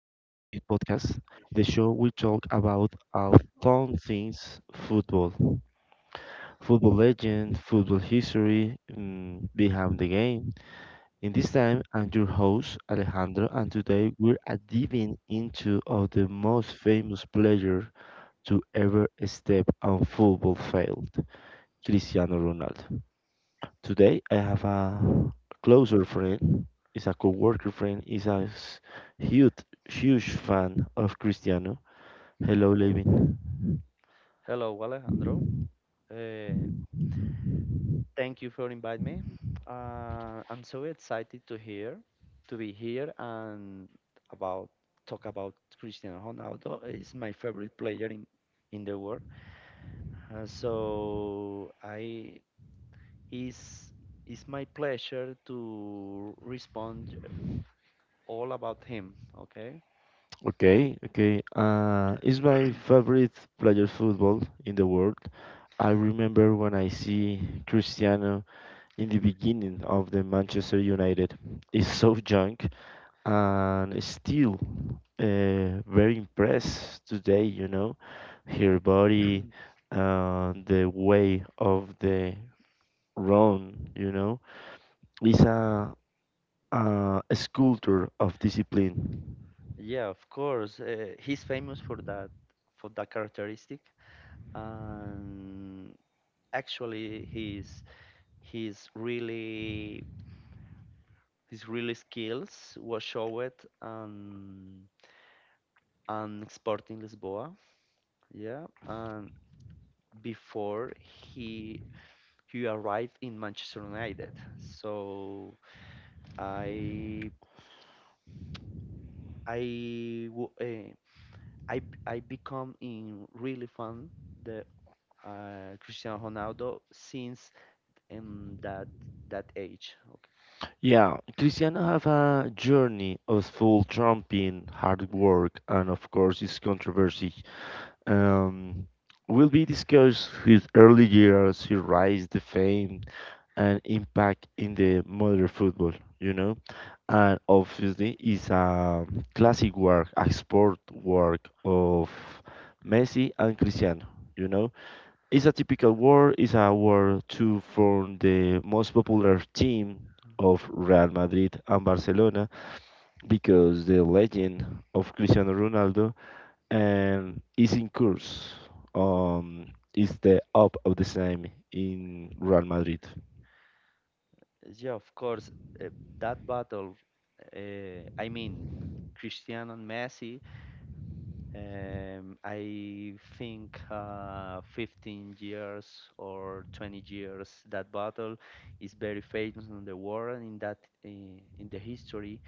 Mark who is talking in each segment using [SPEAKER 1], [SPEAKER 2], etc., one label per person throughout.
[SPEAKER 1] podcast, the show we talk about our fun things football, football legend, football history behind the game. In this time, I'm your host Alejandro, and today we're diving into of the most famous player to ever step on football field, Cristiano Ronaldo. Today I have a closer friend, is a coworker friend, huge huge fan of Cristiano. Hello, Levin.
[SPEAKER 2] Hello, Alejandro. Uh, Thank you for inviting me. I'm so excited to hear, to be here and about talk about Cristiano Ronaldo. He's my favorite player in the world. So I is it's my pleasure to respond all about him. Okay.
[SPEAKER 1] Okay, okay. It's my favorite player football in the world. I remember when I see Cristiano in the beginning of the Manchester United. He's so young, and still very impressed today, you know, her body, the way of the run, you know, is a sculptor of discipline.
[SPEAKER 2] Yeah, of course. He's famous for that characteristic, and actually, he's His really his really skills was showed um, on Sporting Lisboa. Yeah, and before he arrived in Manchester United. So I I wo- eh, I b- I become in really fan the Cristiano Ronaldo since um, that that age. Okay.
[SPEAKER 1] Yeah, Cristiano have a journey of full tramping, hard work, and of course, his controversy. Um, will be discussed his early years, his rise to fame, and impact in the modern football, you know. And obviously, it's a classic work, a sport work of Messi and Cristiano, you know. It's a typical war, it's a war to form the most popular team of
[SPEAKER 2] Okay.
[SPEAKER 1] Real Madrid and Barcelona because the legend of Cristiano Ronaldo and is in course um is the up of the same in Real Madrid.
[SPEAKER 2] Yeah, of course. Uh, that battle, I mean, Cristiano and Messi, I think 15 years or 20 years, that battle is very famous in the world and in the history,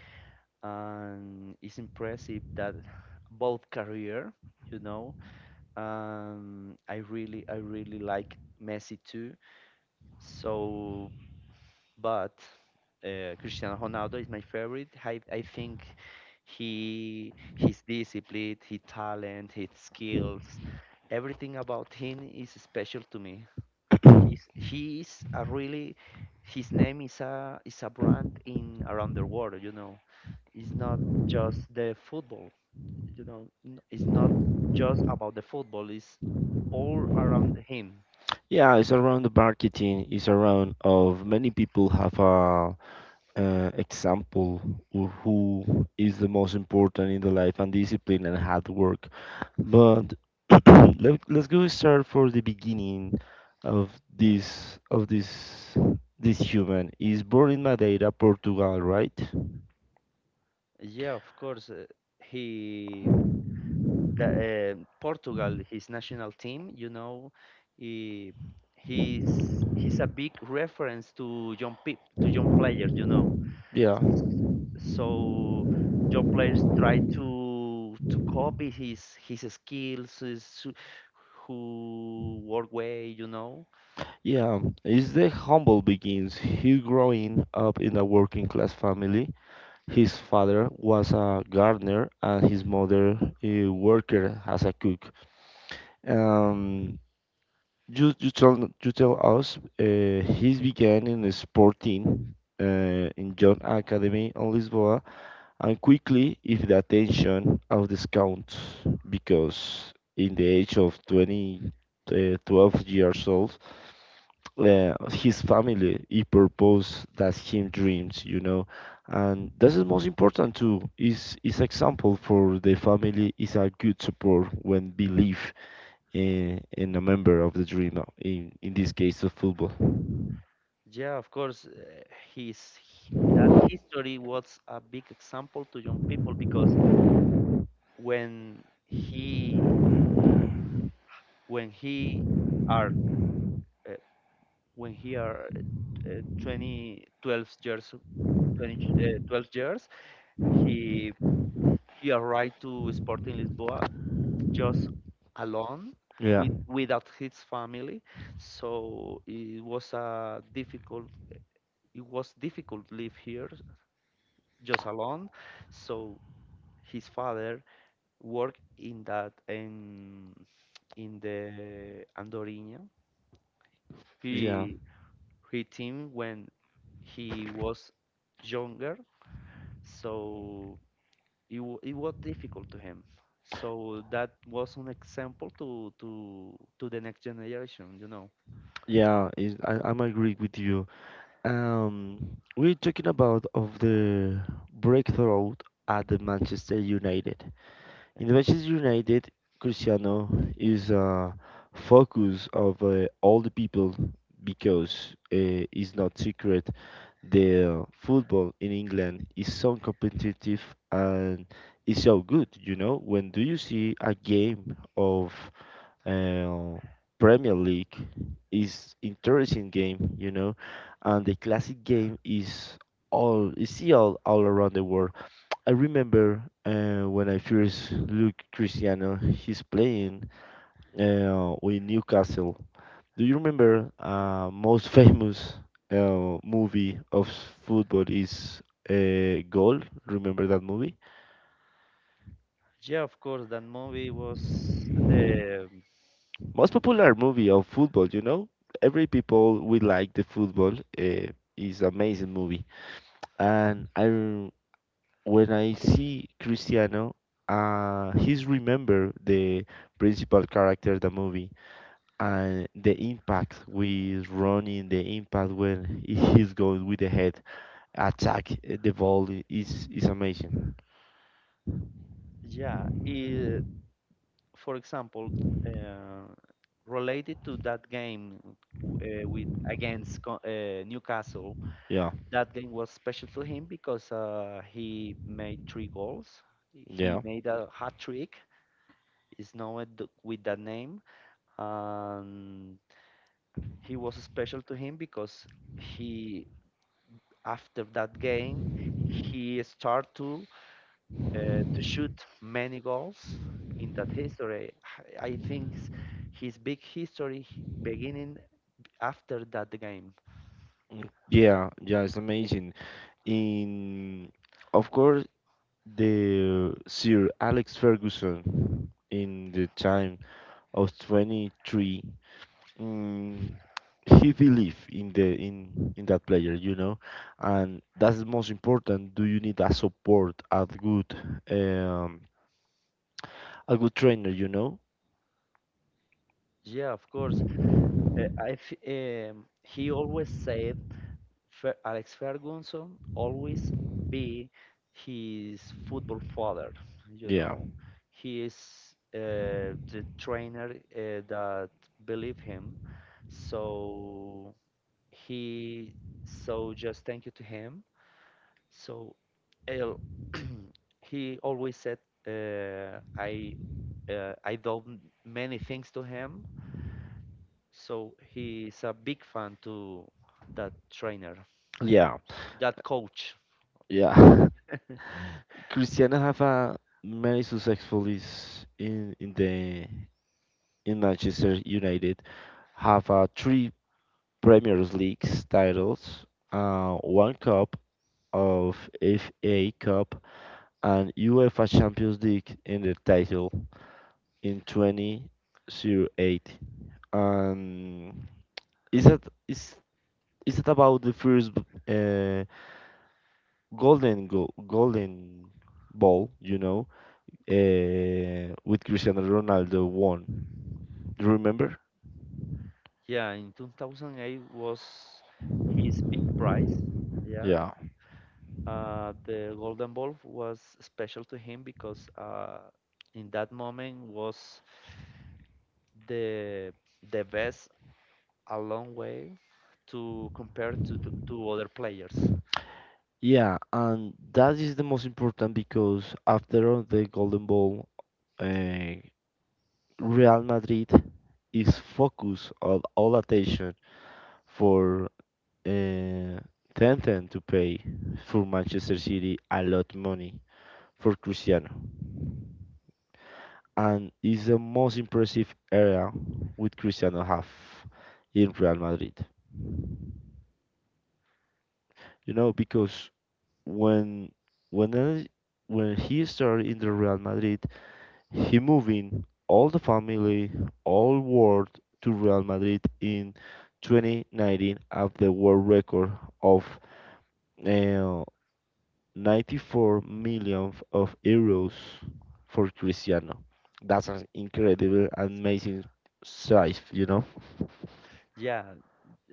[SPEAKER 2] and it's impressive that both career, you know, I really like Messi too. So, but Cristiano Ronaldo is my favorite. I think he his discipline, his talent, his skills, everything about him is special to me. He's, he is a really his name is a brand in around the world. It's not just the football. It's not just about the football. It's all around him.
[SPEAKER 1] Yeah, it's around the marketing. It's around of many people have a example of who is the most important in the life and discipline and hard work. But let's go start for the beginning of this this human. Is born in Madeira, Portugal, right?
[SPEAKER 2] Yeah, of course. He the Portugal, his national team, he, he's he's a big reference to young peop to young players.
[SPEAKER 1] Yeah.
[SPEAKER 2] So young players try to copy his skills, his, who work way.
[SPEAKER 1] Yeah, as the humble begins, he growing up in a working class family. His father was a gardener and his mother a worker as a cook. Um, you tell you tell us he began in a sport team in John Academy on Lisboa and quickly if the attention of the scouts because in the age of 20, 12 years old his family he purpose that him dreams, you know, and this is most important too, is example for the family, is a good support when believe in a member of the dream in this case of football.
[SPEAKER 2] Yeah, of course, that history was a big example to young people because when he when he are uh, when he are 20, 12 years, 20, 12 years, he he arrived to Sporting Lisboa just alone
[SPEAKER 1] Yeah,
[SPEAKER 2] with without his family. So it was difficult live here just alone. So his father worked in that in the Andorinha.
[SPEAKER 1] yeah,
[SPEAKER 2] He he team when he was younger. So it was difficult to him. So that was an example to the next generation.
[SPEAKER 1] yeah. I, I'm agree with you um we're talking about of the breakthrough at the Manchester United.
[SPEAKER 2] Yeah,
[SPEAKER 1] In Manchester United, Cristiano is a focus of all the people because it's not secret the football in England is so competitive and is so good. You know, when do you see a game of uh, Premier League is interesting game. You know, and the classic game is all you see all around the world. I remember when I first look Cristiano, he's playing with Newcastle. Do you remember most famous movie of football is Goal? Remember that movie?
[SPEAKER 2] yeah, of course, that movie was the
[SPEAKER 1] Most
[SPEAKER 2] mm,
[SPEAKER 1] popular movie of football, you know? Every people will like the football. Is amazing movie. And when I see Cristiano, he's remember the principal character of the movie and the impact with running, the impact when he's going with the head attack the is amazing.
[SPEAKER 2] yeah. It, for example, uh, related to that game with against Newcastle,
[SPEAKER 1] Yeah,
[SPEAKER 2] that game was special to him because he made three goals. He
[SPEAKER 1] yeah.
[SPEAKER 2] made a hat trick. Is known with that name, and he was special to him because he after that game he started to shoot many goals in that history. His big history beginning after that game.
[SPEAKER 1] Mm, yeah, yeah. It's amazing. In of course the Sir Alex Ferguson in the time of 23 mm, he believe in the in that player, you know, and that's the most important. Do you need a support, um, a good trainer, you know?
[SPEAKER 2] Yeah, of course. He always said Alex Ferguson always be his football father. You
[SPEAKER 1] Yeah,
[SPEAKER 2] know, he is the trainer that believe him. So he, so just thank you to him. So el- he always said, uh, I, I do many things to him. So he's a big fan to that trainer,
[SPEAKER 1] yeah,
[SPEAKER 2] that coach.
[SPEAKER 1] yeah. Cristiano have a many successful is in the in Manchester United have three Premier League titles, one cup of FA Cup and UEFA Champions League in the title in 2008. And is that is is it about the first uh, golden ball? You know, with Cristiano Ronaldo won. Do you remember?
[SPEAKER 2] Yeah, in 2008 was his big prize. Yeah,
[SPEAKER 1] Yeah.
[SPEAKER 2] the Golden Ball was special to him because in that moment was the the best a long way to compare to other players.
[SPEAKER 1] Yeah, and that is the most important because after all the golden ball, uh, Real Madrid is focus of all attention for uh, Tenten to pay for Manchester City a lot money for Cristiano, and is the most impressive area with Cristiano have in Real Madrid. You know because when when I- when he started in the Real Madrid, he moving all the family, all world to Real Madrid in 2019 at the world record of uh, 94 million of euros for Cristiano. That's an incredible, amazing size, you know.
[SPEAKER 2] Yeah,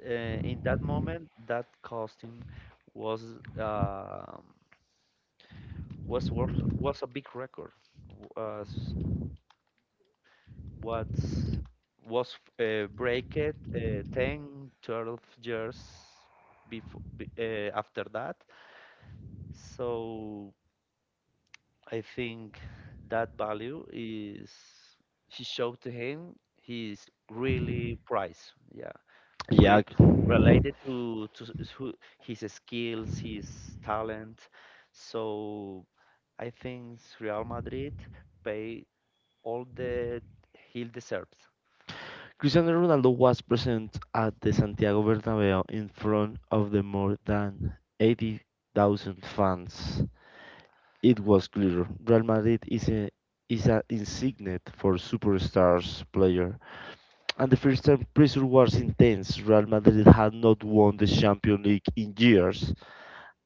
[SPEAKER 2] in that moment, that costume was um was worth was a big record. Was What was breaked 10, 12 years before after that. So I think that value is he showed to him his really price. Yeah,
[SPEAKER 1] Yeah,
[SPEAKER 2] with related to his skills, his talent. So I think Real Madrid pay all that he deserves.
[SPEAKER 1] Cristiano Ronaldo was present at the Santiago Bernabeu in front of the more than 80,000 fans. It was clear Real Madrid is a is an insignia for superstars player. And the first time pressure was intense. Real Madrid had not won the Champions League in years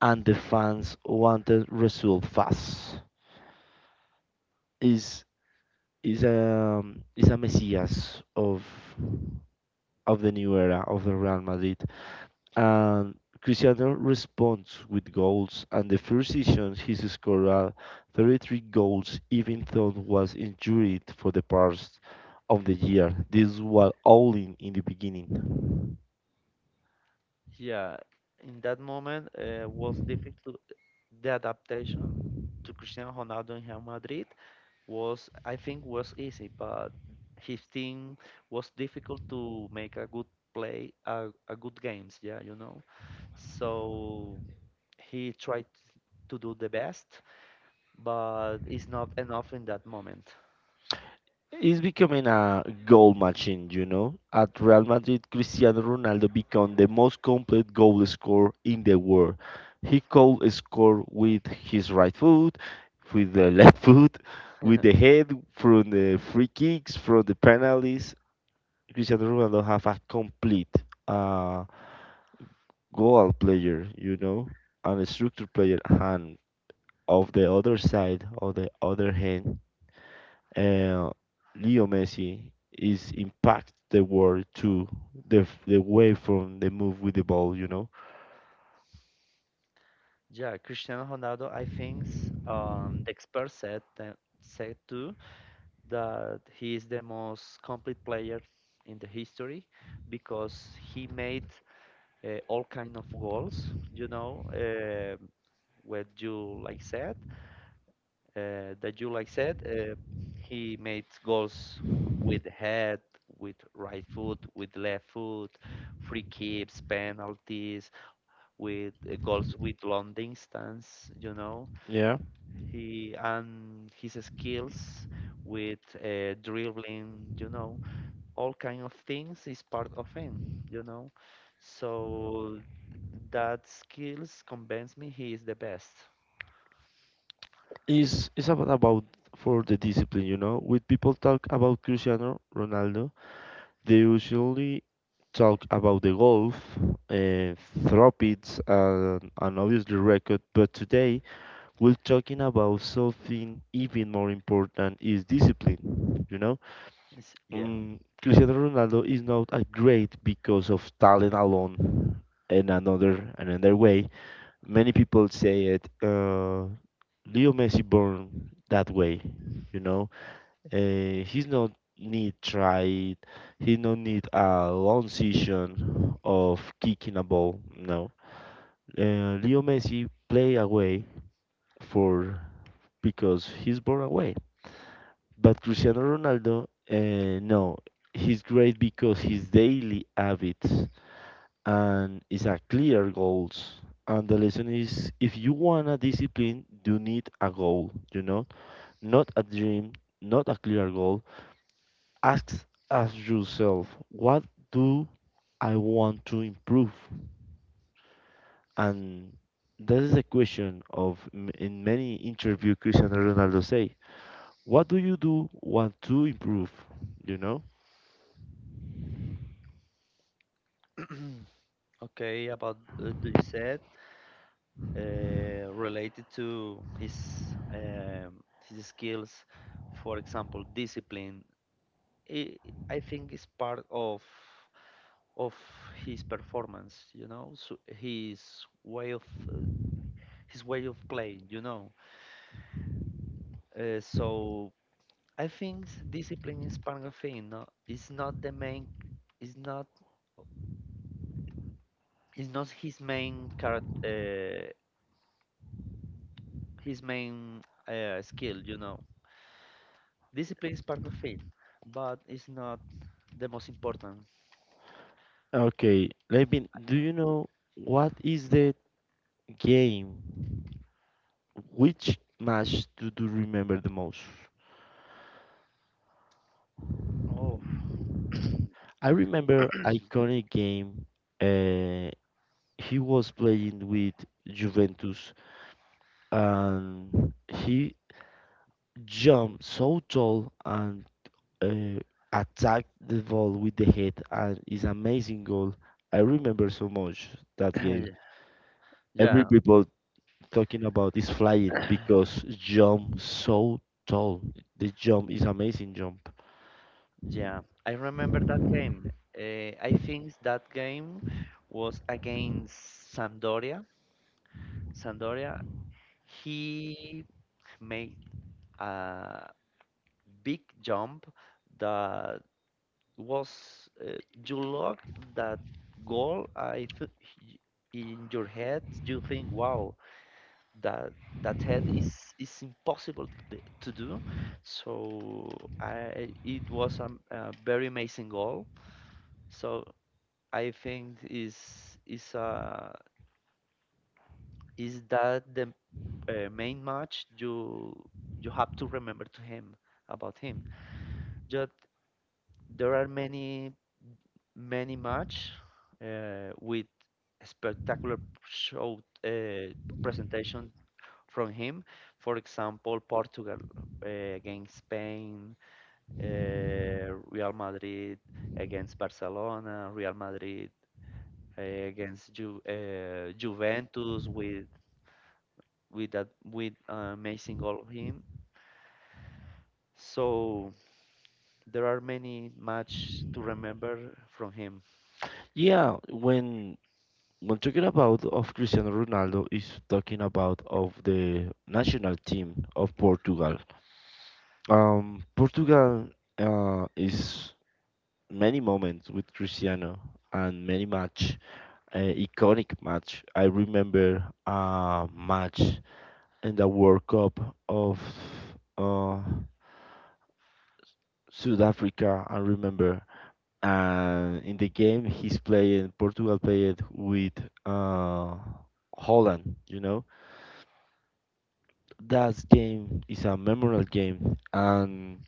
[SPEAKER 1] and the fans wanted result fast. Is is a is a messias of the new era of the Real Madrid and Cristiano responds with goals, and the first season he scored 33 goals even though he was injured for the part of the year. This was all in the beginning.
[SPEAKER 2] Yeah, in that moment was difficult. The adaptation to Cristiano Ronaldo in Real Madrid was, I think, was easy, but his team was difficult to make a good play, a good games. Yeah, you know. So he tried to do the best, but it's not enough in that moment.
[SPEAKER 1] He's becoming a goal machine, you know. At Real Madrid, Cristiano Ronaldo became the most complete goal scorer in the world. He could score with his right foot, with the left foot, with the head from the free kicks, from the penalties. Cristiano Ronaldo have a complete uh, goal player, you know, and a structure player, and of the other side, of the other hand, uh, Leo Messi is impact the world to the way from the move with the ball, you know.
[SPEAKER 2] Yeah, Cristiano Ronaldo, I think, the expert said that, said too, that he is the most complete player in the history because he made all kind of goals. You know, what you like said, that you like said, he made goals with head, with right foot, with left foot, free kicks, penalties, with goals with long distance. You know,
[SPEAKER 1] Yeah,
[SPEAKER 2] he and his skills with dribbling. You know, all kind of things is part of him, you know. So that skills convince me he is the best.
[SPEAKER 1] is it's about for the discipline, you know. With people talk about Cristiano Ronaldo, they usually talk about the golf, uh, thropids, and obviously record, but today we're talking about something even more important is discipline. You know,
[SPEAKER 2] It's, yeah.
[SPEAKER 1] mm, Cristiano Ronaldo is not a great because of talent alone. In another way, many people say it. Leo Messi born that way, you know he's not need tried. He no need a long session of kicking a ball. No. Leo Messi play away for because he's born away. But Cristiano Ronaldo, no, he's great because his daily habits and is a clear goals. And the lesson is, if you want a discipline, you need a goal. You know, not a dream, not a clear goal, Ask ask yourself, what do I want to improve? And that is a question of in many interview Cristiano Ronaldo say, what do you do want to improve? You know?
[SPEAKER 2] Okay, about do you said related to his skills, for example, discipline. I I think is part of his performance. You know, so way of uh, his way of playing. You know, so I think discipline is part of him. No, it's not the main. It's not. It's not his main character. His main skill. You know, discipline is part of it, but it's not the most important.
[SPEAKER 1] Okay, let me. Do you know what is the game? Which match do you remember the most?
[SPEAKER 2] Oh,
[SPEAKER 1] I remember iconic game. Uh, he was playing with Juventus, and he jumped so tall and uh, attacked the ball with the head, and it's amazing goal. I remember so much that game. Every
[SPEAKER 2] yeah,
[SPEAKER 1] people talking about is flying because jump so tall. The jump is amazing jump.
[SPEAKER 2] yeah. I remember that game. I think that game was against Sampdoria. Sampdoria. He made a big jump that was you look that goal, I th in your head you think, wow, that that head is impossible to, to do. So I it was a very amazing goal. So I think is uh is that the main match you have to remember to him about him. There are many match with spectacular show presentation from him. For example, Portugal against Spain, uh, Real Madrid against Barcelona, Real Madrid against Ju Juventus with amazing goal of him. So there are many match to remember from him.
[SPEAKER 1] Yeah, when talking about of Cristiano Ronaldo is talking about of the national team of Portugal. Portugal is many moments with Cristiano and many match, iconic match. I remember a match in the World Cup of uh, South Africa. I remember, and in the game he's playing Portugal played with uh, Holland. You know that game is a memorable game and.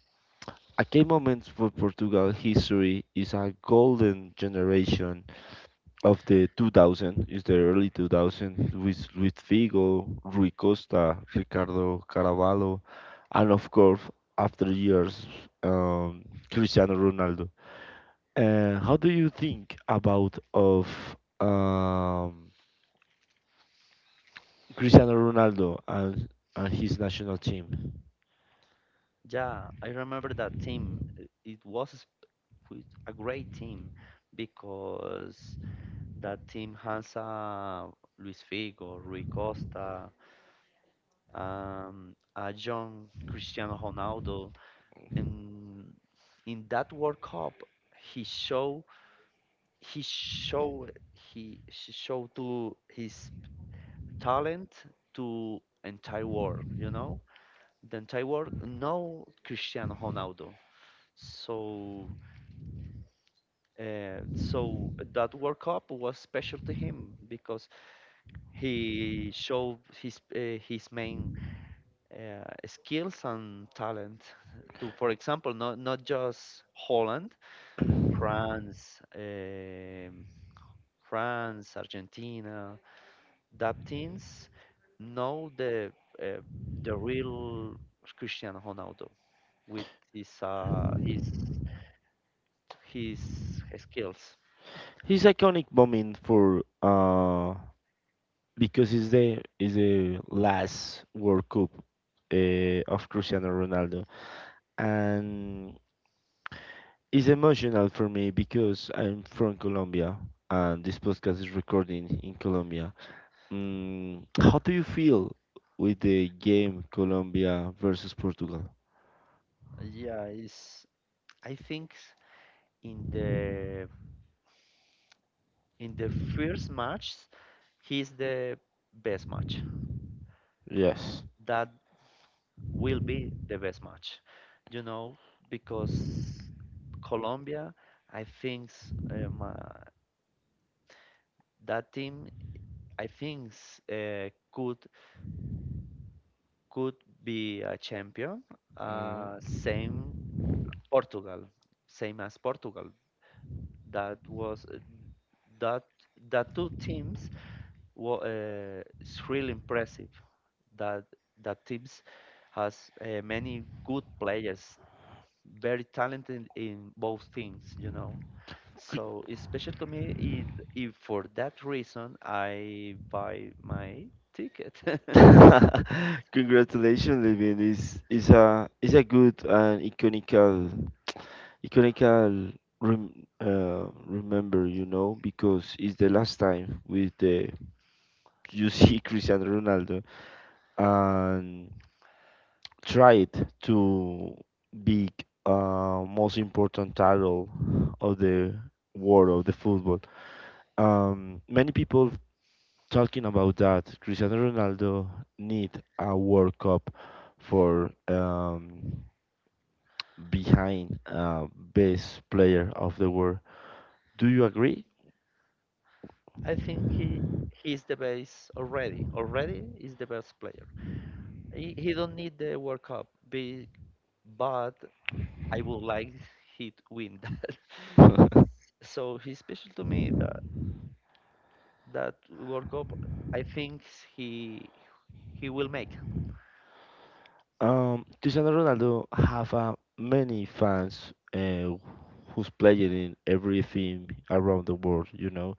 [SPEAKER 1] A key moment for Portugal history is a golden generation of the 2000 is the early 2000 with Figo, Rui Costa, Ricardo Carvalho, and of course after years um, Cristiano Ronaldo. How do you think about of um, Cristiano Ronaldo and his national team?
[SPEAKER 2] Yeah, I remember that team. It was with a great team because that team has Luis Figo, Rui Costa, a young Cristiano Ronaldo. In in that World Cup, he show he show he sh- showed to his talent to entire world. You know, the entire world know Cristiano Ronaldo. So so that World Cup was special to him because he showed his main skills and talent to, for example, not just Holland, France, France, Argentina, that teams know uh, the real Cristiano Ronaldo with his uh, his his skills.
[SPEAKER 1] His iconic moment for because it's the is the last World Cup of Cristiano Ronaldo and it's emotional for me because I'm from Colombia and this podcast is recording in Colombia. Mm, how do you feel with the game Colombia versus Portugal?
[SPEAKER 2] Yeah, is I think. in the in the first match he's the best match,
[SPEAKER 1] Yes.
[SPEAKER 2] that will be the best match, you know, because Colombia, I think, um, uh, that team, I think, uh, could could be a champion, uh, same portugal same as Portugal. That was that that two teams were, it's really impressive that that teams has many good players, very talented in both teams. So it's special to me. If for that reason I buy my ticket.
[SPEAKER 1] Congratulations, Levin. Is a good and iconical iconical rem, remember, you know, because it's the last time with the you see Cristiano Ronaldo and tried to be most important title of the world of the football. Many people talking about that. Cristiano Ronaldo need a World Cup for behind best player of the world. Do you agree?
[SPEAKER 2] I think he's the best already. Already is the best player. He don't need the World Cup, but I would like he to win that. So he's special to me. That World Cup, I think he he will make.
[SPEAKER 1] Cristiano Ronaldo have many fans who's playing in everything around the world. You know,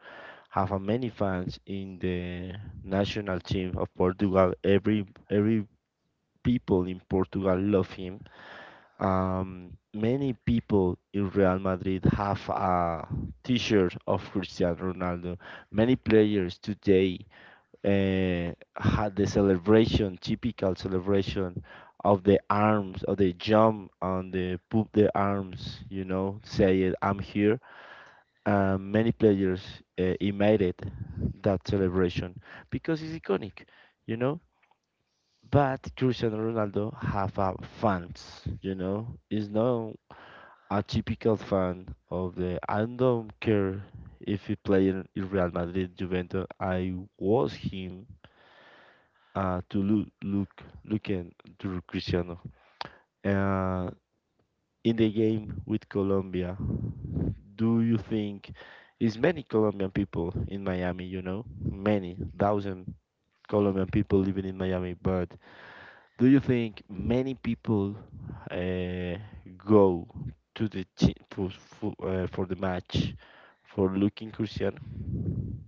[SPEAKER 1] have many fans in the national team of Portugal. Every people in Portugal love him. Many people in Real Madrid have a T-shirt of Cristiano Ronaldo. Many players today had the celebration, typical celebration of the arms, of the jump and the put the arms, you know, say it, I'm here. Many players imitated that celebration because it's iconic, you know. But Cristiano Ronaldo have a fans, you know. He's not a typical fan of the. I don't care if he play in Real Madrid, Juventus. I was him to looking to Cristiano. Uh, in the game with Colombia, do you think is many Colombian people in Miami? You know, many thousand Colombian people living in Miami, but do you think many people uh, go to the for the match for looking Cristiano?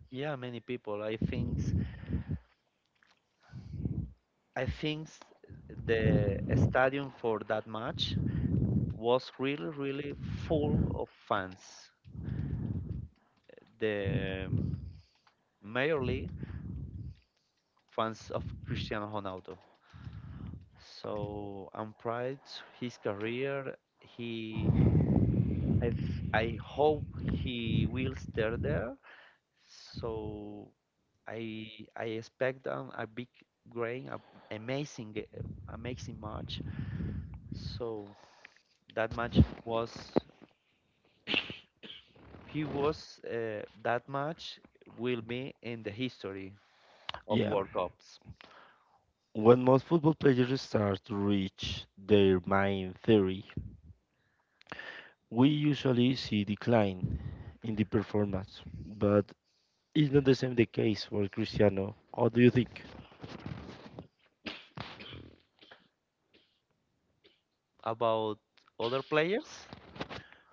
[SPEAKER 2] Yeah, many people. I think the stadium for that match was really, really full of fans. The mainly fans of Cristiano Ronaldo. So I'm proud his career. He I I hope he will stay there. So I I expect a big grain, a amazing amazing match. So that match was he was that match will be in the history of
[SPEAKER 1] Yeah.
[SPEAKER 2] World Cups.
[SPEAKER 1] When most football players start to reach their main theory, we usually see decline in the performance, but it's not the same the case for Cristiano. What do you think?
[SPEAKER 2] About other players,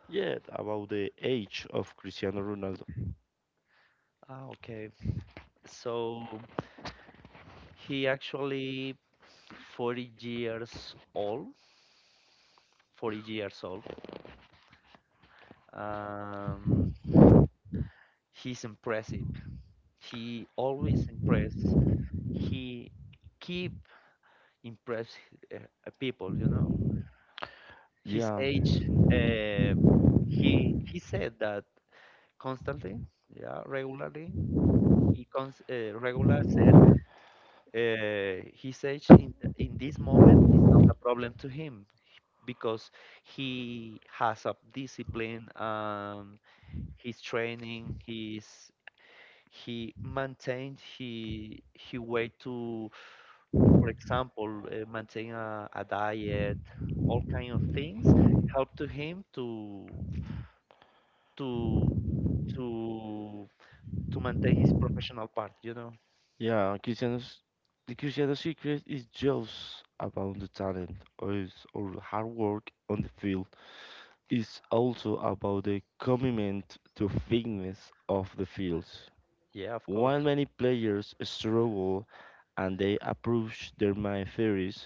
[SPEAKER 1] Yeah, about the age of Cristiano Ronaldo.
[SPEAKER 2] ah, okay. So he actually 40 years old, 40 years old. Um, he's impressive. He always impress. He keep impress people. You know, his
[SPEAKER 1] Yeah.
[SPEAKER 2] age. Uh, he said that constantly. Yeah, regularly. He cons regular said his age in this moment is not a problem to him because he has a discipline and his training, his he maintained he way to, for example, maintain a diet, all kind of things help to him to to to maintain his professional part.
[SPEAKER 1] Yeah, Cristiano's the Cristiano secret is just about the talent or is or hard work on the field. It's also about the commitment to fitness of the fields.
[SPEAKER 2] Yeah, of course.
[SPEAKER 1] While many players struggle and they approach their mind theories,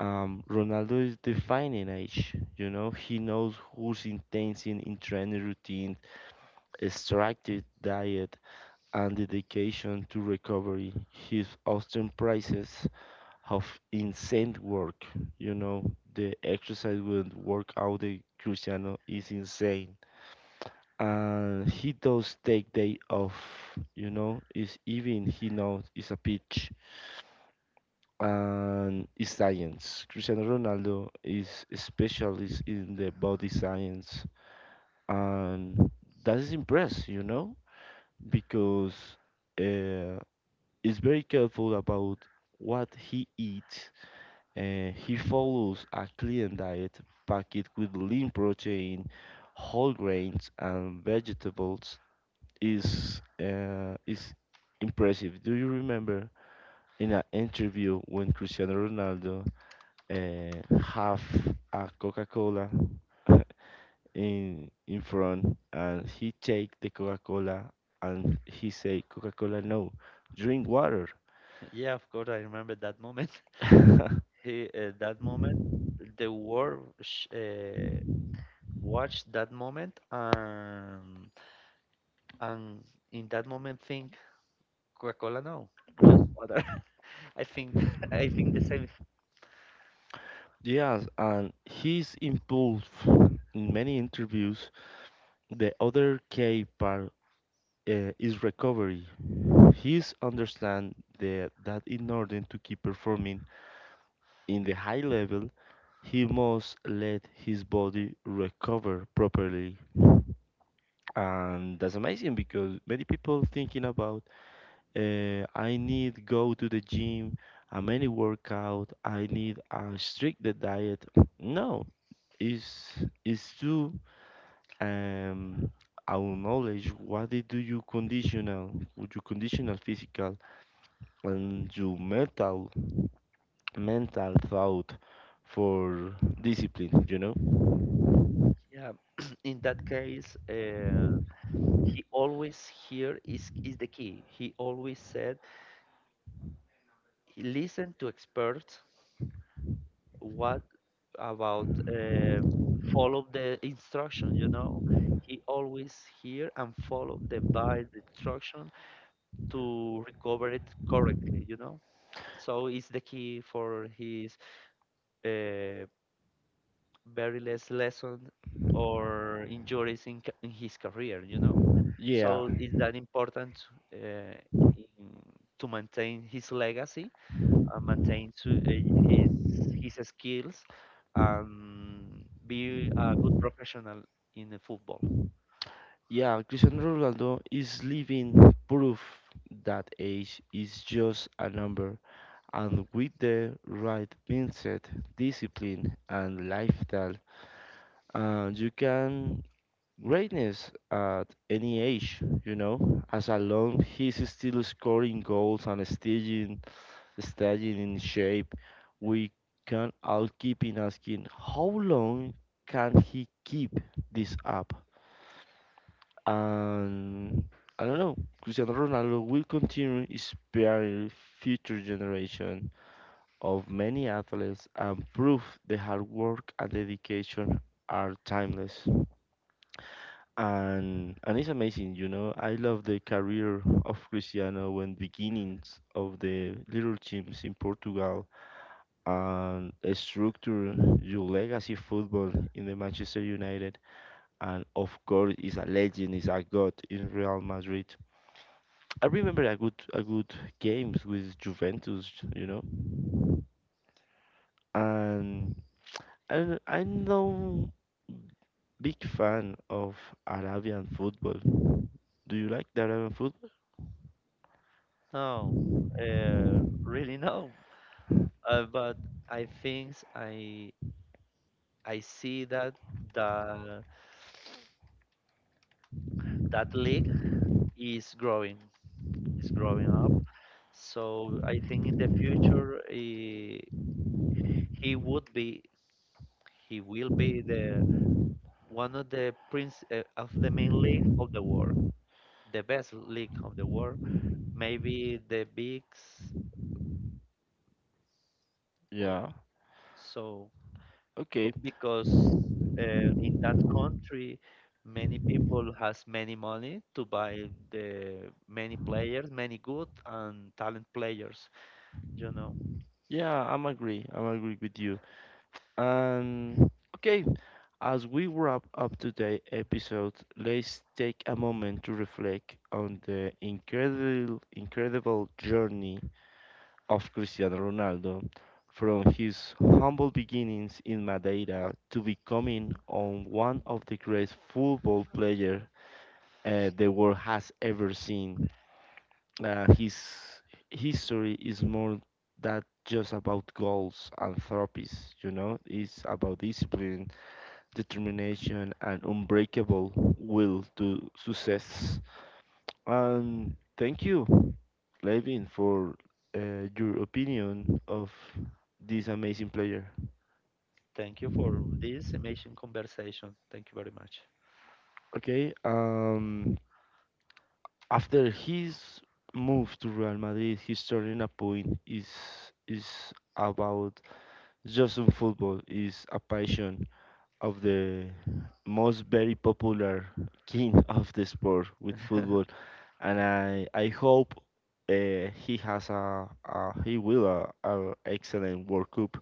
[SPEAKER 1] Ronaldo is defining age. You know, he knows who's intensing in training routine, extractive diet, and dedication to recovery. His Austin prices of insane work. You know, the exercise and workout the Cristiano is insane, and he does take day off. You know, is even he knows it's a pitch and it's science. Cristiano Ronaldo is a specialist in the body science, and that is impressive. You know, because uh, is very careful about what he eats. He follows a clean diet packed with lean protein, whole grains, and vegetables. Is is impressive. Do you remember in an interview when Cristiano Ronaldo have a Coca-Cola in front and he take the Coca-Cola and he say Coca-Cola no, drink water.
[SPEAKER 2] Yeah, of course. I remember that moment. He that moment, the world watched that moment and in that moment think Coca-Cola no, just water. I think I think the same.
[SPEAKER 1] Yes, and he's involved in many interviews. The other key part is recovery. He's understand the, that in order to keep performing in the high level, he must let his body recover properly. And that's amazing because many people thinking about I need go to the gym, a many workout, I need a strict the diet. No, it's it's to um our knowledge what they do you conditional with you conditional physical and your mental thought for discipline, you know?
[SPEAKER 2] Yeah, in that case, he always here is the key. He always said, he listen to experts. What about follow the instruction? You know, he always hear and follow the by the instruction to recover it correctly. You know, so it's the key for his uh, very less lesson or injuries in his career.
[SPEAKER 1] Yeah.
[SPEAKER 2] So it's that important uh, in, to maintain his legacy and maintain to, his skills and be a good professional in the football.
[SPEAKER 1] Yeah, Cristiano Ronaldo is living proof that age is just a number, and with the right mindset, discipline, and lifestyle, you can greatness at any age. You know, as a long he's still scoring goals and staying in shape, we can all keep in asking how long can he keep this up? And I don't know, Cristiano Ronaldo will continue inspiring future generation of many athletes and prove the hard work and dedication are timeless. And it's amazing, you know. I love the career of Cristiano when beginnings of the little teams in Portugal and structure your legacy football in the Manchester United and of course is a legend, is a god in Real Madrid. I remember a good games with Juventus, you know, and and I'm no big fan of Arabian football. Do you like the Arabian football?
[SPEAKER 2] No, uh, really no. But I think I see that the that league is growing. Is growing up. So I think in the future he would be he will be the one of the prince of the main league of the world, the best league of the world, maybe the bigs. or-
[SPEAKER 1] Yeah.
[SPEAKER 2] So
[SPEAKER 1] Okay.
[SPEAKER 2] because in that country many people has many money to buy the many players, many good and talent players, you know.
[SPEAKER 1] Yeah, I'm agree. I'm agree with you. And okay, as we wrap up today's episode, let's take a moment to reflect on the incredible journey of Cristiano Ronaldo from his humble beginnings in Madeira to becoming on one of the greatest football players the world has ever seen. His history is more than just about goals and trophies, you know, it's about discipline, determination, and unbreakable will to success. And thank you, Levin, for your opinion of this amazing player.
[SPEAKER 2] Thank you for this amazing conversation. Thank you very much.
[SPEAKER 1] Okay, after his move to Real Madrid, his turning a point is about just on football is a passion of the most very popular king of the sport with football, and I hope he has a he will a excellent World Cup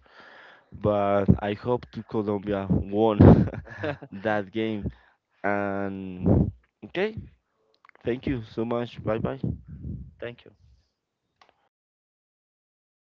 [SPEAKER 1] but I hope to Colombia won that game. And okay, thank you so much. Bye bye.
[SPEAKER 2] Thank you.